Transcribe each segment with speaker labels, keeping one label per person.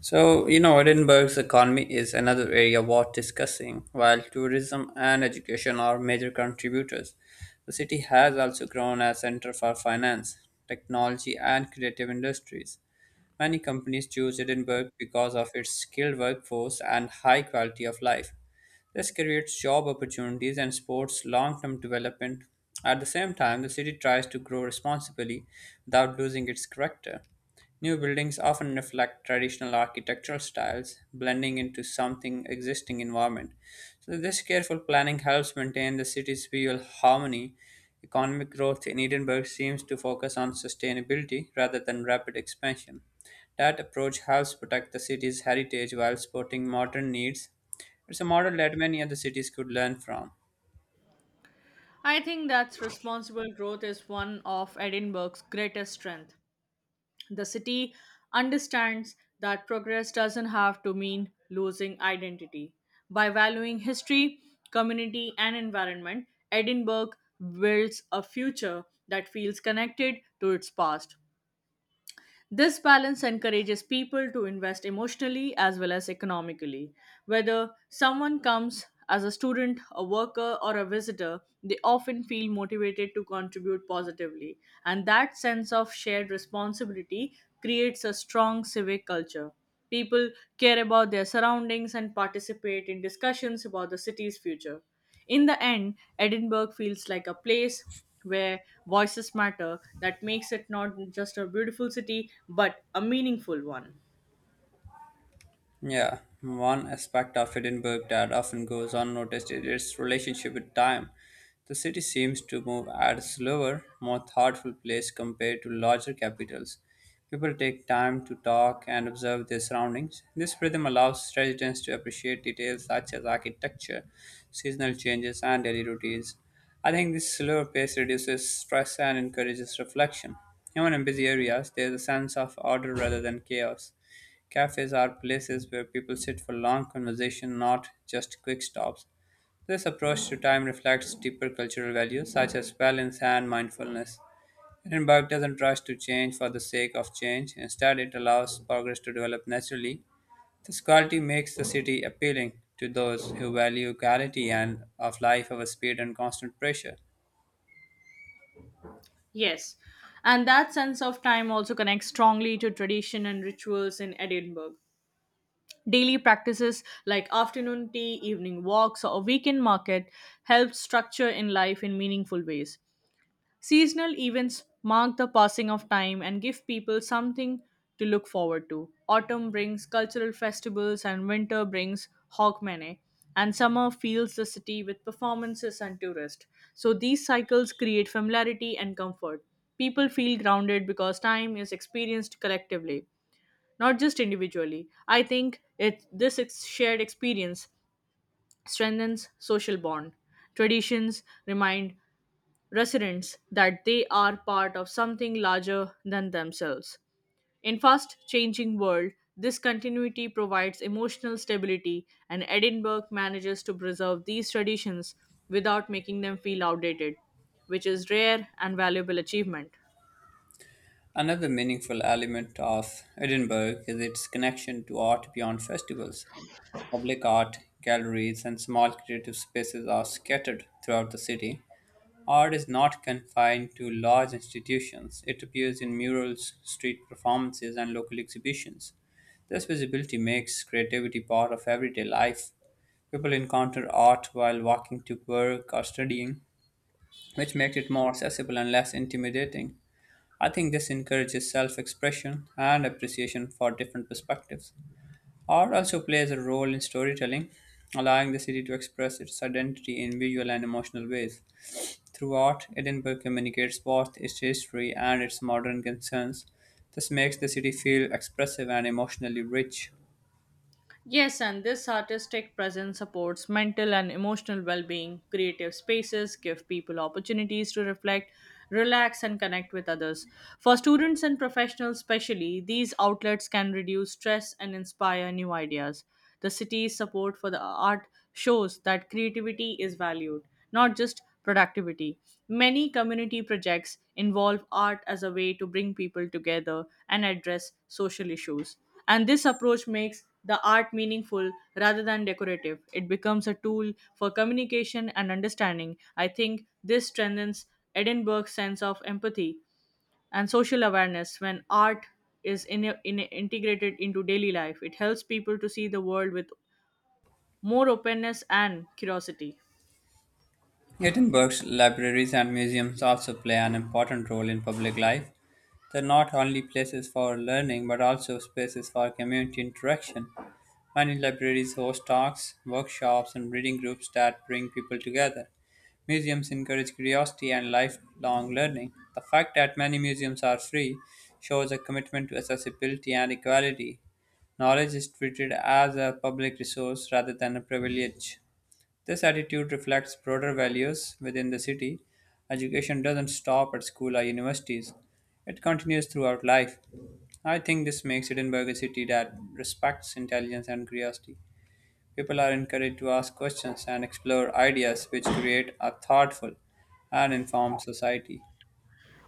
Speaker 1: Edinburgh's economy is another area worth discussing. While tourism and education are major contributors, the city has also grown as center for finance, technology, and creative industries. Many companies choose Edinburgh because of its skilled workforce and high quality of life. This creates job opportunities and supports long term development. At the same time, the city tries to grow responsibly without losing its character. New buildings often reflect traditional architectural styles, blending into something existing environment. So this careful planning helps maintain the city's visual harmony. Economic growth in Edinburgh seems to focus on sustainability rather than rapid expansion. That approach helps protect the city's heritage while supporting modern needs. It's a model that many other cities could learn from.
Speaker 2: I think that responsible growth is one of Edinburgh's greatest strengths. The city understands that progress doesn't have to mean losing identity. By valuing history, community, and environment, Edinburgh builds a future that feels connected to its past. This balance encourages people to invest emotionally as well as economically. Whether someone comes as a student, a worker, or a visitor, they often feel motivated to contribute positively, and that sense of shared responsibility creates a strong civic culture. People care about their surroundings and participate in discussions about the city's future. In the end, Edinburgh feels like a place where voices matter that makes it not just a beautiful city but a meaningful one.
Speaker 1: Yeah, one aspect of Edinburgh that often goes unnoticed is its relationship with time. The city seems to move at a slower, more thoughtful pace compared to larger capitals. People take time to talk and observe their surroundings. This rhythm allows residents to appreciate details such as architecture, seasonal changes, and daily routines. I think this slower pace reduces stress and encourages reflection. Even in busy areas, there is a sense of order rather than chaos. Cafes are places where people sit for long conversation, not just quick stops. This approach to time reflects deeper cultural values such as balance and mindfulness. Edinburgh doesn't rush to change for the sake of change. Instead, it allows progress to develop naturally. This quality makes the city appealing to those who value quality and of life over speed and constant pressure.
Speaker 2: Yes, and that sense of time also connects strongly to tradition and rituals in Edinburgh. Daily practices like afternoon tea, evening walks, or weekend market help structure in life in meaningful ways. Seasonal events mark the passing of time and give people something to look forward to. Autumn brings cultural festivals, and winter brings hogmanay. And summer fills the city with performances and tourists. So these cycles create familiarity and comfort. People feel grounded because time is experienced collectively, not just individually. I think it this ex- shared experience strengthens social bond. Traditions remind residents that they are part of something larger than themselves. In fast changing world, this continuity provides emotional stability and Edinburgh manages to preserve these traditions without making them feel outdated, which is rare and valuable achievement.
Speaker 1: Another meaningful element of Edinburgh is its connection to art beyond festivals. Public art galleries and small creative spaces are scattered throughout the city. Art is not confined to large institutions, it appears in murals, street performances, and local exhibitions. This visibility makes creativity part of everyday life. People encounter art while walking to work or studying, which makes it more accessible and less intimidating. I think this encourages self expression and appreciation for different perspectives. Art also plays a role in storytelling, allowing the city to express its identity in visual and emotional ways. Through art, Edinburgh communicates both its history and its modern concerns. This makes the city feel expressive and emotionally rich.
Speaker 2: Yes, and this artistic presence supports mental and emotional well being. Creative spaces give people opportunities to reflect, relax, and connect with others. For students and professionals, especially, these outlets can reduce stress and inspire new ideas. The city's support for the art shows that creativity is valued, not just productivity. Many community projects involve art as a way to bring people together and address social issues. And this approach makes the art meaningful rather than decorative. It becomes a tool for communication and understanding. I think this strengthens Edinburgh's sense of empathy and social awareness when art is integrated into daily life. It helps people to see the world with more openness and curiosity.
Speaker 1: Edinburgh's libraries and museums also play an important role in public life. They're not only places for learning but also spaces for community interaction. Many libraries host talks, workshops, and reading groups that bring people together. Museums encourage curiosity and lifelong learning. The fact that many museums are free shows a commitment to accessibility and equality. Knowledge is treated as a public resource rather than a privilege. This attitude reflects broader values within the city. Education doesn't stop at school or universities, it continues throughout life. I think this makes Edinburgh a city that respects intelligence and curiosity. People are encouraged to ask questions and explore ideas which create a thoughtful and informed society.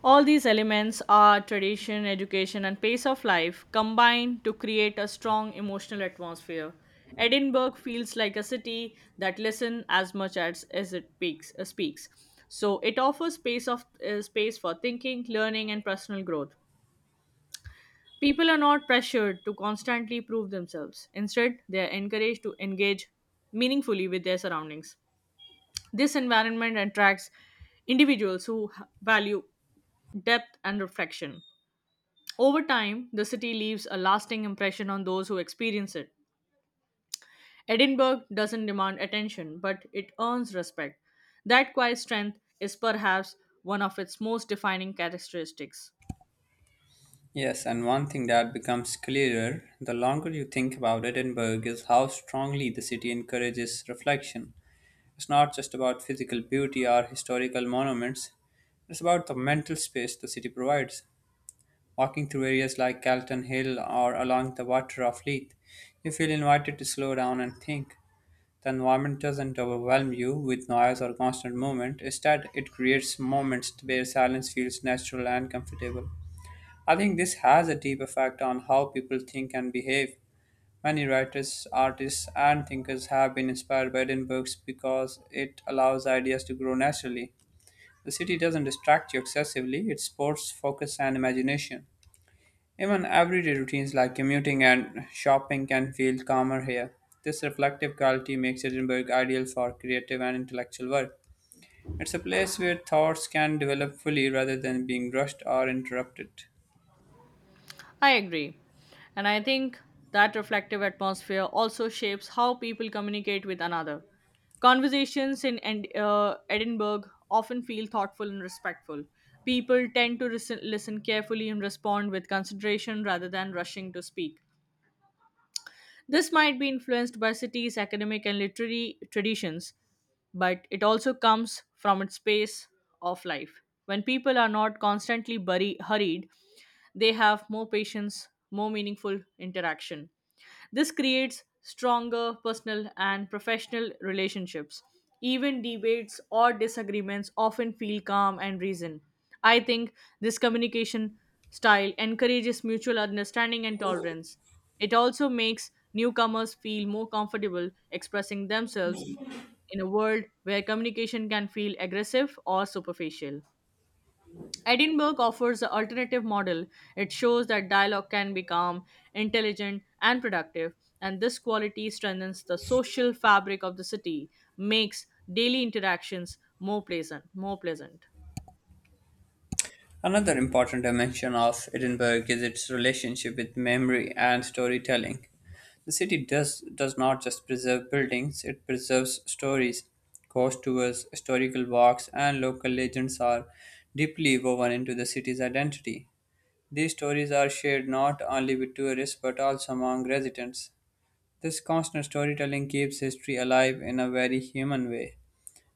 Speaker 2: All these elements art, tradition, education, and pace of life combine to create a strong emotional atmosphere. Edinburgh feels like a city that listens as much as it speaks, speaks. So it offers space for thinking, learning, and personal growth. People are not pressured to constantly prove themselves. Instead, they are encouraged to engage meaningfully with their surroundings. This environment attracts individuals who value depth and reflection. Over time, the city leaves a lasting impression on those who experience it. Edinburgh doesn't demand attention, but it earns respect. That quiet strength is perhaps one of its most defining characteristics.
Speaker 1: Yes, and one thing that becomes clearer the longer you think about Edinburgh is how strongly the city encourages reflection. It's not just about physical beauty or historical monuments, it's about the mental space the city provides. Walking through areas like Calton Hill or along the water of Leith, you feel invited to slow down and think. The environment doesn't overwhelm you with noise or constant movement, instead, it creates moments where silence feels natural and comfortable. I think this has a deep effect on how people think and behave. Many writers, artists, and thinkers have been inspired by Edinburgh because it allows ideas to grow naturally. The city doesn't distract you excessively, it supports focus and imagination. Even everyday routines like commuting and shopping can feel calmer here. This reflective quality makes Edinburgh ideal for creative and intellectual work. It's a place where thoughts can develop fully rather than being rushed or interrupted.
Speaker 2: I agree. And I think that reflective atmosphere also shapes how people communicate with another. Conversations in Edinburgh often feel thoughtful and respectful. People tend to listen carefully and respond with consideration rather than rushing to speak. This might be influenced by cities' academic and literary traditions, but it also comes from its pace of life. When people are not constantly hurried, they have more patience, more meaningful interaction. This creates stronger personal and professional relationships. Even debates or disagreements often feel calm and reasoned. I think this communication style encourages mutual understanding and tolerance. It also makes newcomers feel more comfortable expressing themselves in a world where communication can feel aggressive or superficial. Edinburgh offers the alternative model. It shows that dialogue can be calm, intelligent, and productive, and this quality strengthens the social fabric of the city, makes daily interactions more pleasant.
Speaker 1: Another important dimension of Edinburgh is its relationship with memory and storytelling. The city does not just preserve buildings, it preserves stories. Ghost tours, historical walks, and local legends are deeply woven into the city's identity. These stories are shared not only with tourists but also among residents. This constant storytelling keeps history alive in a very human way.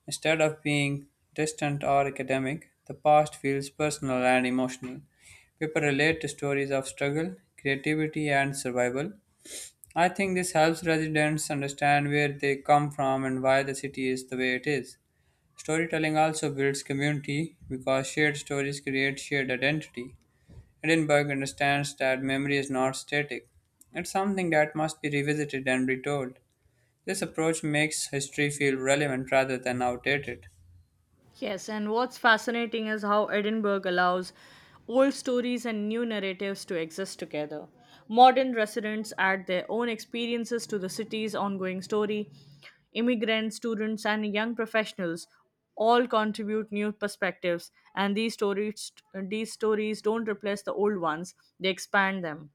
Speaker 1: Instead of being distant or academic, the past feels personal and emotional. People relate to stories of struggle, creativity, and survival. I think this helps residents understand where they come from and why the city is the way it is. Storytelling also builds community because shared stories create shared identity. Edinburgh understands that memory is not static. It's something that must be revisited and retold. This approach makes history feel relevant rather than outdated.
Speaker 2: Yes, and what's fascinating is how Edinburgh allows old stories and new narratives to exist together. Modern residents add their own experiences to the city's ongoing story. Immigrants, students, and young professionals all contribute new perspectives, and these stories don't replace the old ones, they expand them.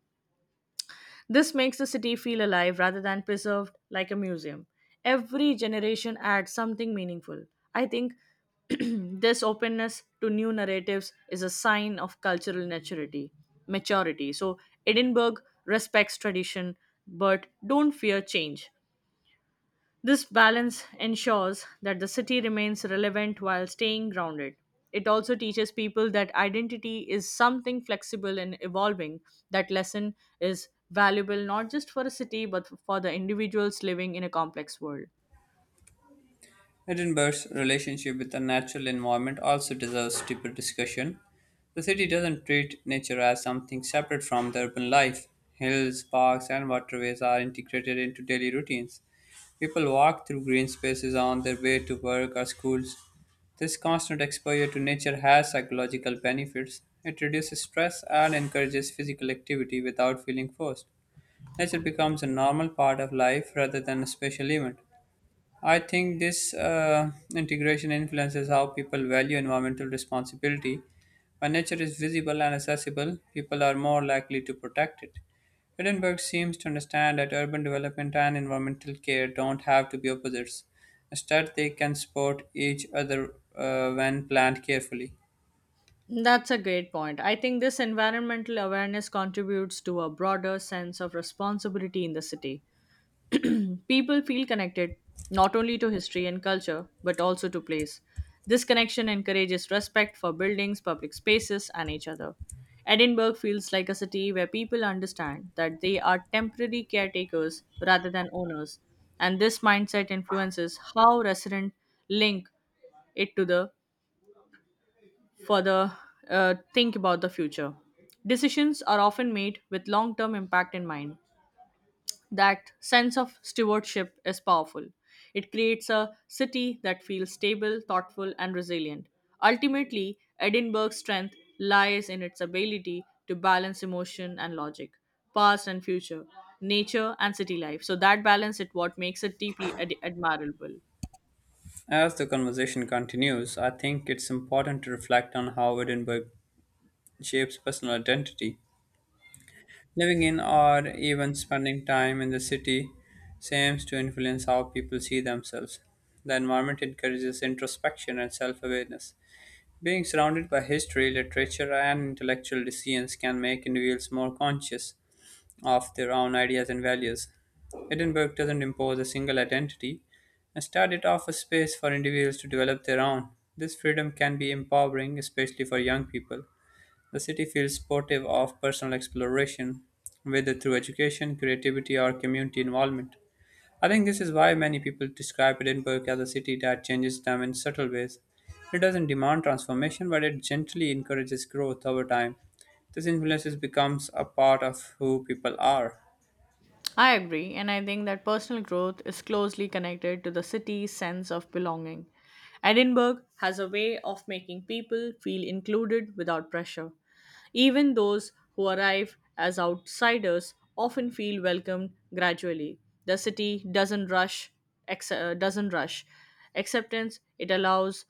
Speaker 2: This makes the city feel alive rather than preserved like a museum. Every generation adds something meaningful. I think this openness to new narratives is a sign of cultural maturity. Maturity. So Edinburgh respects tradition but don't fear change. This balance ensures that the city remains relevant while staying grounded. It also teaches people that identity is something flexible and evolving. That lesson is valuable not just for a city but for the individuals living in a complex world.
Speaker 1: Edinburgh's relationship with the natural environment also deserves deeper discussion. The city doesn't treat nature as something separate from the urban life. Hills, parks, and waterways are integrated into daily routines. People walk through green spaces on their way to work or schools. This constant exposure to nature has psychological benefits. It reduces stress and encourages physical activity without feeling forced. Nature becomes a normal part of life rather than a special event. I think this integration influences how people value environmental responsibility. When nature is visible and accessible, people are more likely to protect it. Edinburgh seems to understand that urban development and environmental care don't have to be opposites. Instead, they can support each other when planned carefully.
Speaker 2: That's a great point. I think this environmental awareness contributes to a broader sense of responsibility in the city. People feel connected not only to history and culture, but also to place. This connection encourages respect for buildings, public spaces, and each other. Edinburgh feels like a city where people understand that they are temporary caretakers rather than owners, and this mindset influences how residents link it to the further think about the future. Decisions are often made with long term impact in mind, that sense of stewardship is powerful. It creates a city that feels stable, thoughtful, and resilient. Ultimately, Edinburgh's strength lies in its ability to balance emotion and logic, past and future, nature and city life. So that balance is what makes it deeply admirable.
Speaker 1: As the conversation continues, I think it's important to reflect on how Edinburgh shapes personal identity. Living in or even spending time in the city seems to influence how people see themselves. The environment encourages introspection and self awareness. Being surrounded by history, literature, and intellectual decisions can make individuals more conscious of their own ideas and values. Edinburgh doesn't impose a single identity. Instead, it offers space for individuals to develop their own. This freedom can be empowering, especially for young people the city feels supportive of personal exploration, whether through education, creativity, or community involvement. I think this is why many people describe Edinburgh as a city that changes them in subtle ways. It doesn't demand transformation, but it gently encourages growth over time. This influence becomes a part of who people are.
Speaker 2: I agree, and I think that personal growth is closely connected to the city's sense of belonging. Edinburgh has a way of making people feel included without pressure. Even those who arrive as outsiders often feel welcomed gradually. The city doesn't rush acceptance. It allows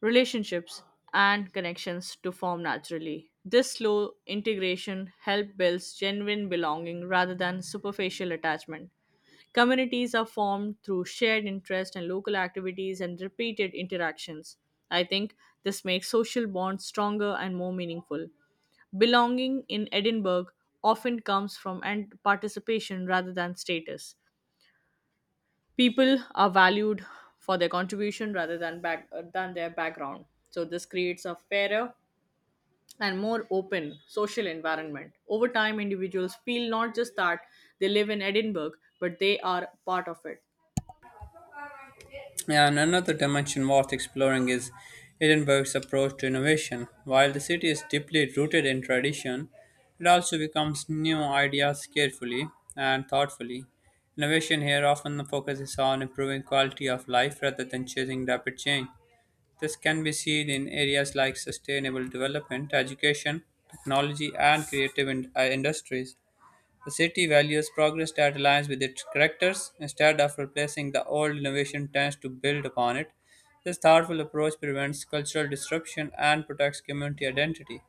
Speaker 2: relationships, and connections to form naturally. This slow integration helps build genuine belonging rather than superficial attachment. Communities are formed through shared interest and local activities and repeated interactions. I think this makes social bonds stronger and more meaningful. Belonging in Edinburgh often comes from and participation rather than status people are valued for their contribution rather than back than their background, so this creates a fairer and more open social environment. Over time, individuals feel not just that they live in Edinburgh but they are part of it.
Speaker 1: Yeah, and another dimension worth exploring is Edinburgh's approach to innovation. While the city is deeply rooted in tradition, it also becomes new ideas carefully and thoughtfully. Innovation here often focuses on improving quality of life rather than chasing rapid change. This can be seen in areas like sustainable development, education, technology, and creative industries. The city values progress that aligns with its characters instead of replacing the old innovation tends to build upon it. This thoughtful approach prevents cultural disruption and protects community identity.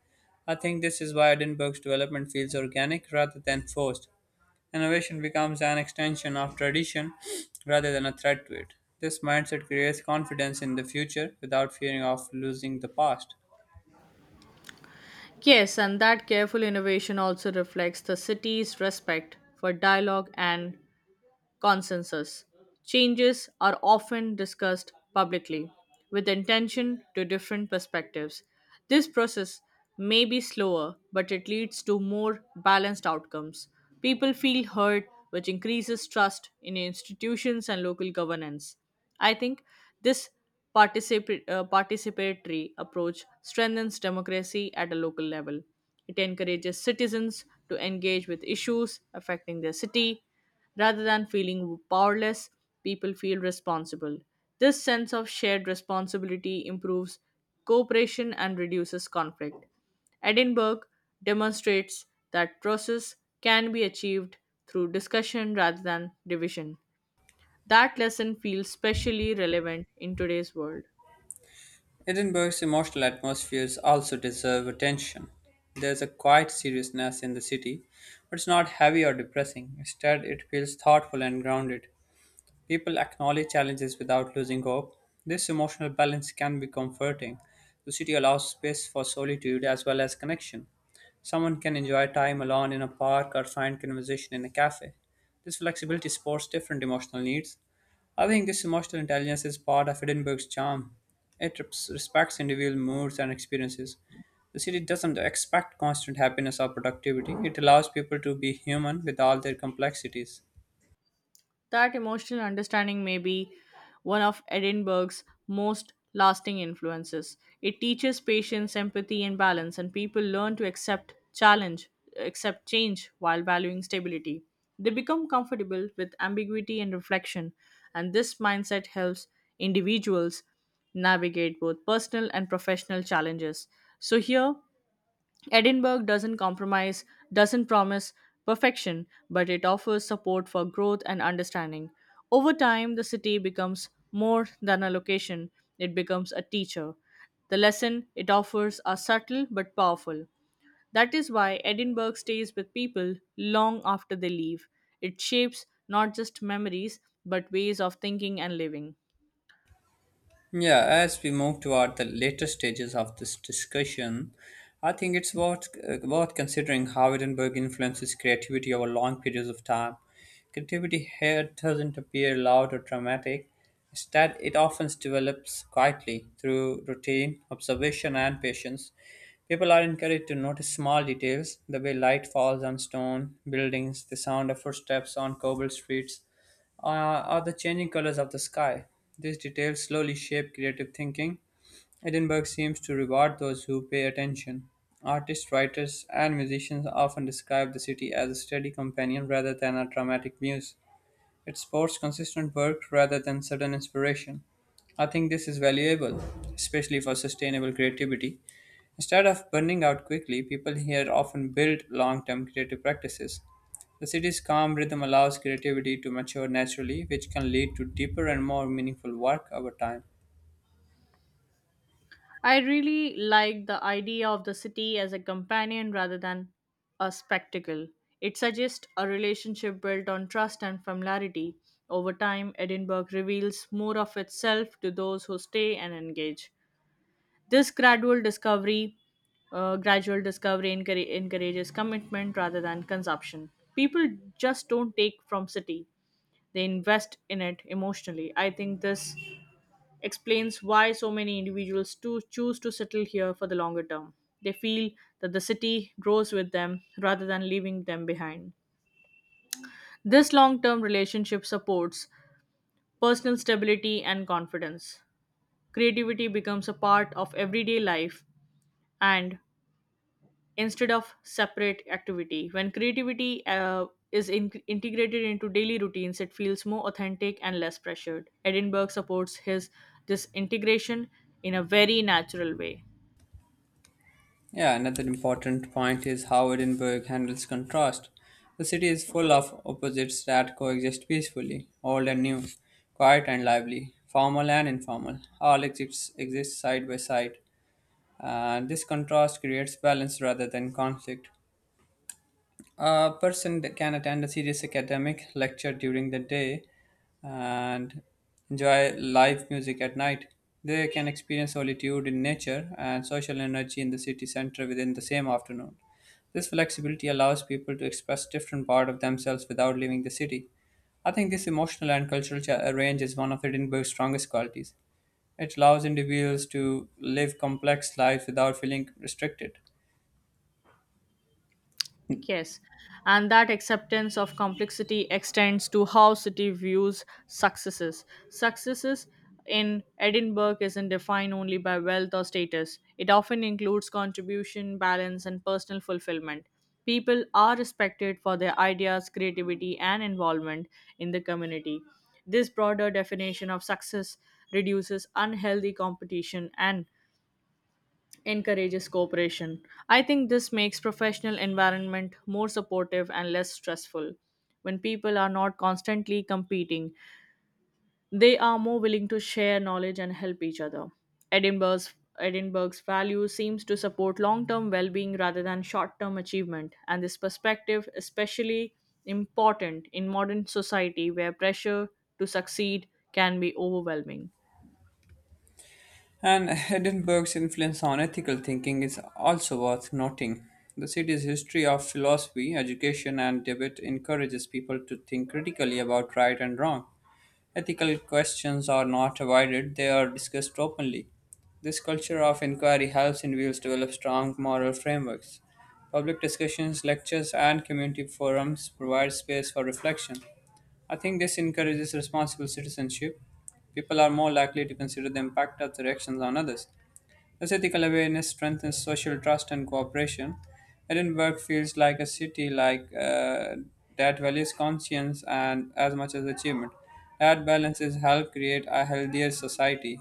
Speaker 1: I think this is why Edinburgh's development feels organic rather than forced. Innovation becomes an extension of tradition rather than a threat to it. This mindset creates confidence in the future without fearing of losing the past.
Speaker 2: Yes, and that careful innovation also reflects the city's respect for dialogue and consensus. Changes are often discussed publicly with intention to different perspectives. This process may be slower, but it leads to more balanced outcomes. People feel heard, which increases trust in institutions and local governance. I think this participatory approach strengthens democracy at a local level. It encourages citizens to engage with issues affecting their city. Rather than feeling powerless, people feel responsible. This sense of shared responsibility improves cooperation and reduces conflict. Edinburgh demonstrates that process can be achieved through discussion rather than division. That lesson feels specially relevant in today's world.
Speaker 1: Edinburgh's emotional atmospheres also deserve attention. There's a quiet seriousness in the city, but it's not heavy or depressing. Instead, it feels thoughtful and grounded. People acknowledge challenges without losing hope. This emotional balance can be comforting. The city allows space for solitude as well as connection. Someone can enjoy time alone in a park or find conversation in a cafe. This flexibility supports different emotional needs. I think this emotional intelligence is part of Edinburgh's charm. It respects individual moods and experiences. The city doesn't expect constant happiness or productivity. It allows people to be human with all their complexities.
Speaker 2: That emotional understanding may be one of Edinburgh's most lasting influences. It teaches patience, empathy, and balance, and people learn to accept change while valuing stability. They become comfortable with ambiguity and reflection, and this mindset helps individuals navigate both personal and professional challenges. So, here Edinburgh doesn't doesn't promise perfection, but it offers support for growth and understanding. Over time, the city becomes more than a location, it becomes a teacher. The lesson it offers are subtle but powerful. That is why Edinburgh stays with people long after they leave. It shapes not just memories, but ways of thinking and living.
Speaker 1: Yeah, as we move toward the later stages of this discussion, I think it's worth considering how Edinburgh influences creativity over long periods of time. Creativity here doesn't appear loud or dramatic, instead, it often develops quietly through routine, observation, and patience. People are encouraged to notice small details the way light falls on stone buildings, the sound of footsteps on cobbled streets are the changing colors of the sky. These details slowly shape creative thinking. Edinburgh seems to reward those who pay attention. Artists, writers, and musicians often describe the city as a steady companion rather than a dramatic muse. It supports consistent work rather than sudden inspiration. I think this is valuable, especially for sustainable creativity. Instead of burning out quickly, people here often build long term creative practices. The city's calm rhythm allows creativity to mature naturally, which can lead to deeper and more meaningful work over time.
Speaker 2: I really like the idea of the city as a companion rather than a spectacle. It suggests a relationship built on trust and familiarity. Over time, Edinburgh reveals more of itself to those who stay and engage. This gradual discovery encourages commitment rather than consumption. People just don't take from city; they invest in it emotionally. I think this explains why so many individuals to choose to settle here for the longer term. They feel that the city grows with them rather than leaving them behind. This long term relationship supports personal stability and confidence. Creativity becomes a part of everyday life and instead of separate activity. When creativity is integrated into daily routines, it feels more authentic and less pressured. Edinburgh supports his this integration in a very natural way.
Speaker 1: Yeah, another important point is how Edinburgh handles contrast. The city is full of opposites that coexist peacefully, old and new, quiet and lively, formal and informal, all exist side by side. And this contrast creates balance rather than conflict. A person that can attend a serious academic lecture during the day and enjoy live music at night. They can experience solitude in nature and social energy in the city center within the same afternoon. This flexibility allows people to express different part of themselves without leaving the city. I think this emotional and cultural range is one of Edinburgh's strongest qualities. It allows individuals to live complex lives without feeling restricted.
Speaker 2: Yes, and that acceptance of complexity extends to how city views successes. Successes in Edinburgh isn't defined only by wealth or status, it often includes contribution, balance, and personal fulfillment. People are respected for their ideas, creativity, and involvement in the community. This broader definition of success reduces unhealthy competition and encourages cooperation. I think this makes professional environment more supportive and less stressful. When people are not constantly competing, they are more willing to share knowledge and help each other. Edinburgh's value seems to support long-term well-being rather than short-term achievement, and this perspective especially important in modern society where pressure to succeed can be overwhelming.
Speaker 1: And Edinburgh's influence on ethical thinking is also worth noting. The city's history of philosophy, education, and debate encourages people to think critically about right and wrong. Ethical questions are not avoided, they are discussed openly. This culture of inquiry helps individuals develop strong moral frameworks. Public discussions, lectures, and community forums provide space for reflection. I think this encourages responsible citizenship. People are more likely to consider the impact of their actions on others. This ethical awareness strengthens social trust and cooperation. Edinburgh feels like a city that values conscience and as much as achievement. That balance is help create a healthier society.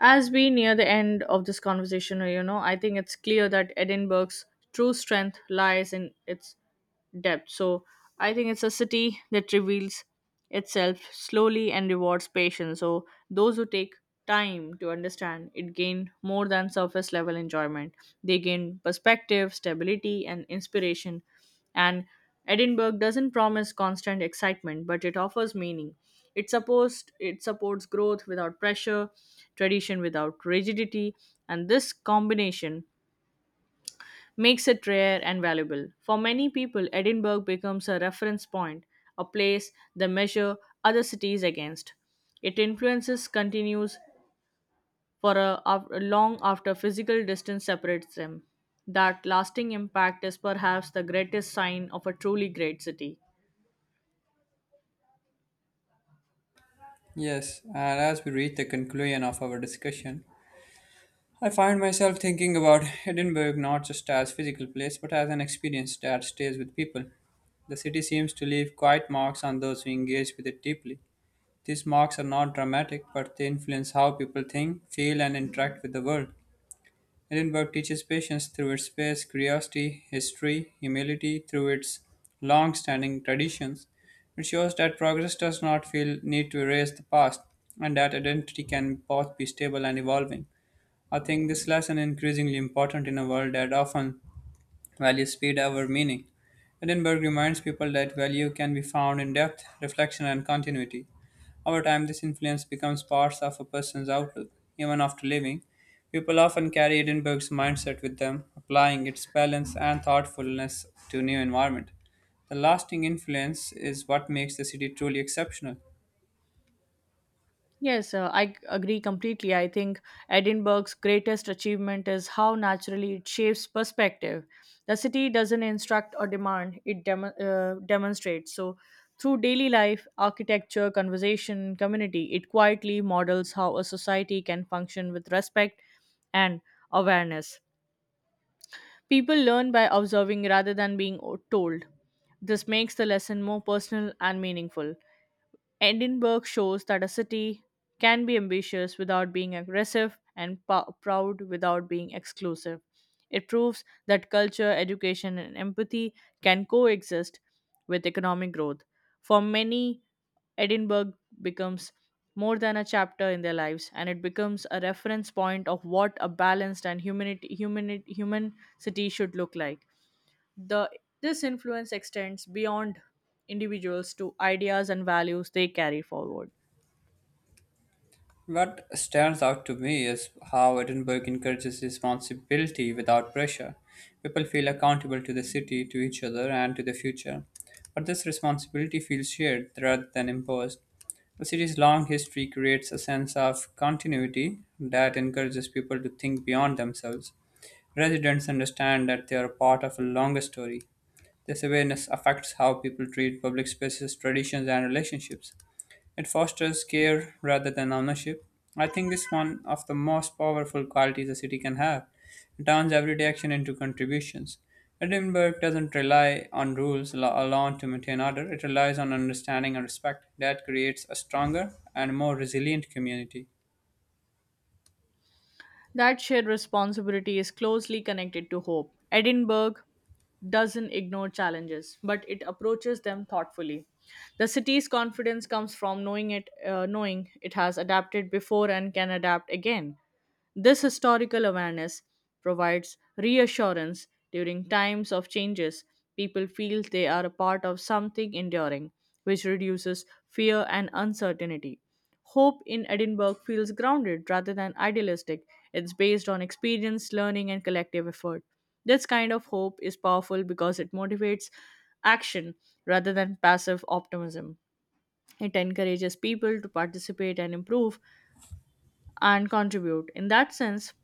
Speaker 2: As we near the end of this conversation, I think it's clear that Edinburgh's true strength lies in its depth. So I think it's a city that reveals itself slowly and rewards patience. So those who take time to understand it gain more than surface level enjoyment. They gain perspective, stability, and inspiration. And Edinburgh doesn't promise constant excitement, but it offers meaning. It supports growth without pressure, tradition without rigidity, and this combination makes it rare and valuable. For many people, Edinburgh becomes a reference point, a place they measure other cities against. Its influences continues for long after physical distance separates them. That lasting impact is perhaps the greatest sign of a truly great city.
Speaker 1: Yes, and as we reach the conclusion of our discussion, I find myself thinking about Edinburgh not just as physical place but as an experience that stays with people. The city seems to leave quiet marks on those who engage with it deeply. These marks are not dramatic but they influence how people think, feel and interact with the world. Edinburgh teaches patience through its space, curiosity, history, humility through its long-standing traditions. It shows that progress does not feel need to erase the past and that identity can both be stable and evolving. I think this lesson is increasingly important in a world that often values speed over meaning. Edinburgh reminds people that value can be found in depth, reflection, and continuity. Over time, this influence becomes part of a person's outlook, even after leaving. People often carry Edinburgh's mindset with them, applying its balance and thoughtfulness to new environment. The lasting influence is what makes the city truly exceptional.
Speaker 2: Yes, I agree completely. I think Edinburgh's greatest achievement is how naturally it shapes perspective. The city doesn't instruct or demand, it demonstrates. So, through daily life, architecture, conversation, community, it quietly models how a society can function with respect and awareness. People learn by observing rather than being told. This makes the lesson more personal and meaningful. Edinburgh shows that a city can be ambitious without being aggressive and proud without being exclusive. It proves that culture, education, and empathy can coexist with economic growth. For many, Edinburgh becomes more than a chapter in their lives and it becomes a reference point of what a balanced and human city should look like. The This influence extends beyond individuals to ideas and values they carry forward.
Speaker 1: What stands out to me is how Edinburgh encourages responsibility without pressure. People feel accountable to the city, to each other, and to the future. But this responsibility feels shared rather than imposed. The city's long history creates a sense of continuity that encourages people to think beyond themselves. Residents understand that they are part of a longer story. This awareness affects how people treat public spaces, traditions, and relationships. It fosters care rather than ownership. I think it's one of the most powerful qualities a city can have. It turns everyday action into contributions. Edinburgh doesn't rely on rules alone to maintain order, it relies on understanding and respect. That creates a stronger and more resilient community.
Speaker 2: That shared responsibility is closely connected to hope. Edinburgh doesn't ignore challenges, but it approaches them thoughtfully. The city's confidence comes from knowing it has adapted before and can adapt again. This historical awareness provides reassurance during times of changes. People feel they are a part of something enduring, which reduces fear and uncertainty. Hope in Edinburgh feels grounded rather than idealistic. It's based on experience, learning, and collective effort. This kind of hope is powerful because it motivates action rather than passive optimism. It encourages people to participate and improve and contribute. In that sense,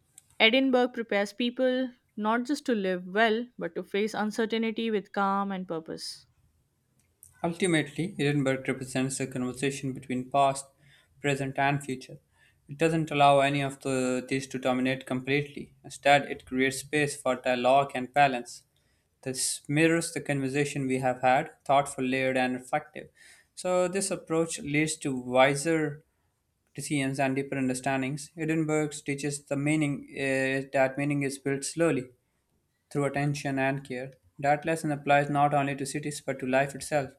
Speaker 2: Edinburgh prepares people not just to live well, but to face uncertainty with calm and purpose.
Speaker 1: Ultimately, Edinburgh represents a conversation between past, present, and future. It doesn't allow any of these to dominate completely. Instead, it creates space for dialogue and balance. This mirrors the conversation we have had, thoughtful, layered, and reflective. So, this approach leads to wiser decisions and deeper understandings. Edinburgh teaches the meaning is that meaning is built slowly through attention and care. That lesson applies not only to cities but to life itself.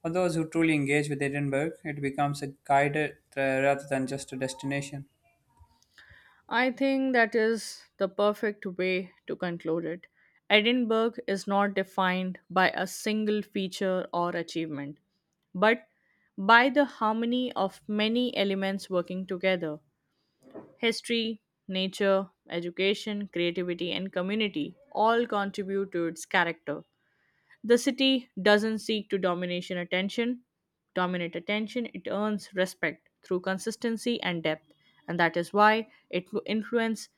Speaker 1: For those who truly engage with Edinburgh, it becomes a guide, rather than just a destination.
Speaker 2: I think that is the perfect way to conclude it. Edinburgh is not defined by a single feature or achievement, but by the harmony of many elements working together history, nature, education, creativity, and community all contribute to its character. The city doesn't seek to dominate attention, it earns respect through consistency and depth, and that is why it influences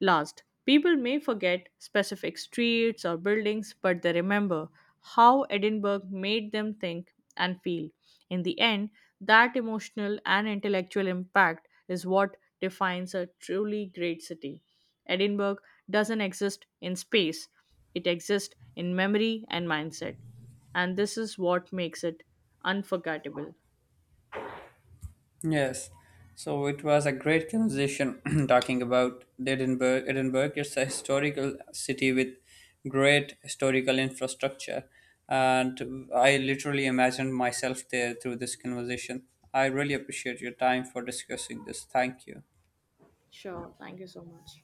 Speaker 2: Last, people may forget specific streets or buildings, but they remember how Edinburgh made them think and feel. In the end, that emotional and intellectual impact is what defines a truly great city. Edinburgh doesn't exist in space, it exists in memory and mindset. And this is what makes it unforgettable.
Speaker 1: Yes, so it was a great conversation talking about Edinburgh. Edinburgh, it's a historical city with great historical infrastructure, and I literally imagined myself there through this conversation. I really appreciate your time for discussing this. Thank you.
Speaker 2: Sure, thank you so much.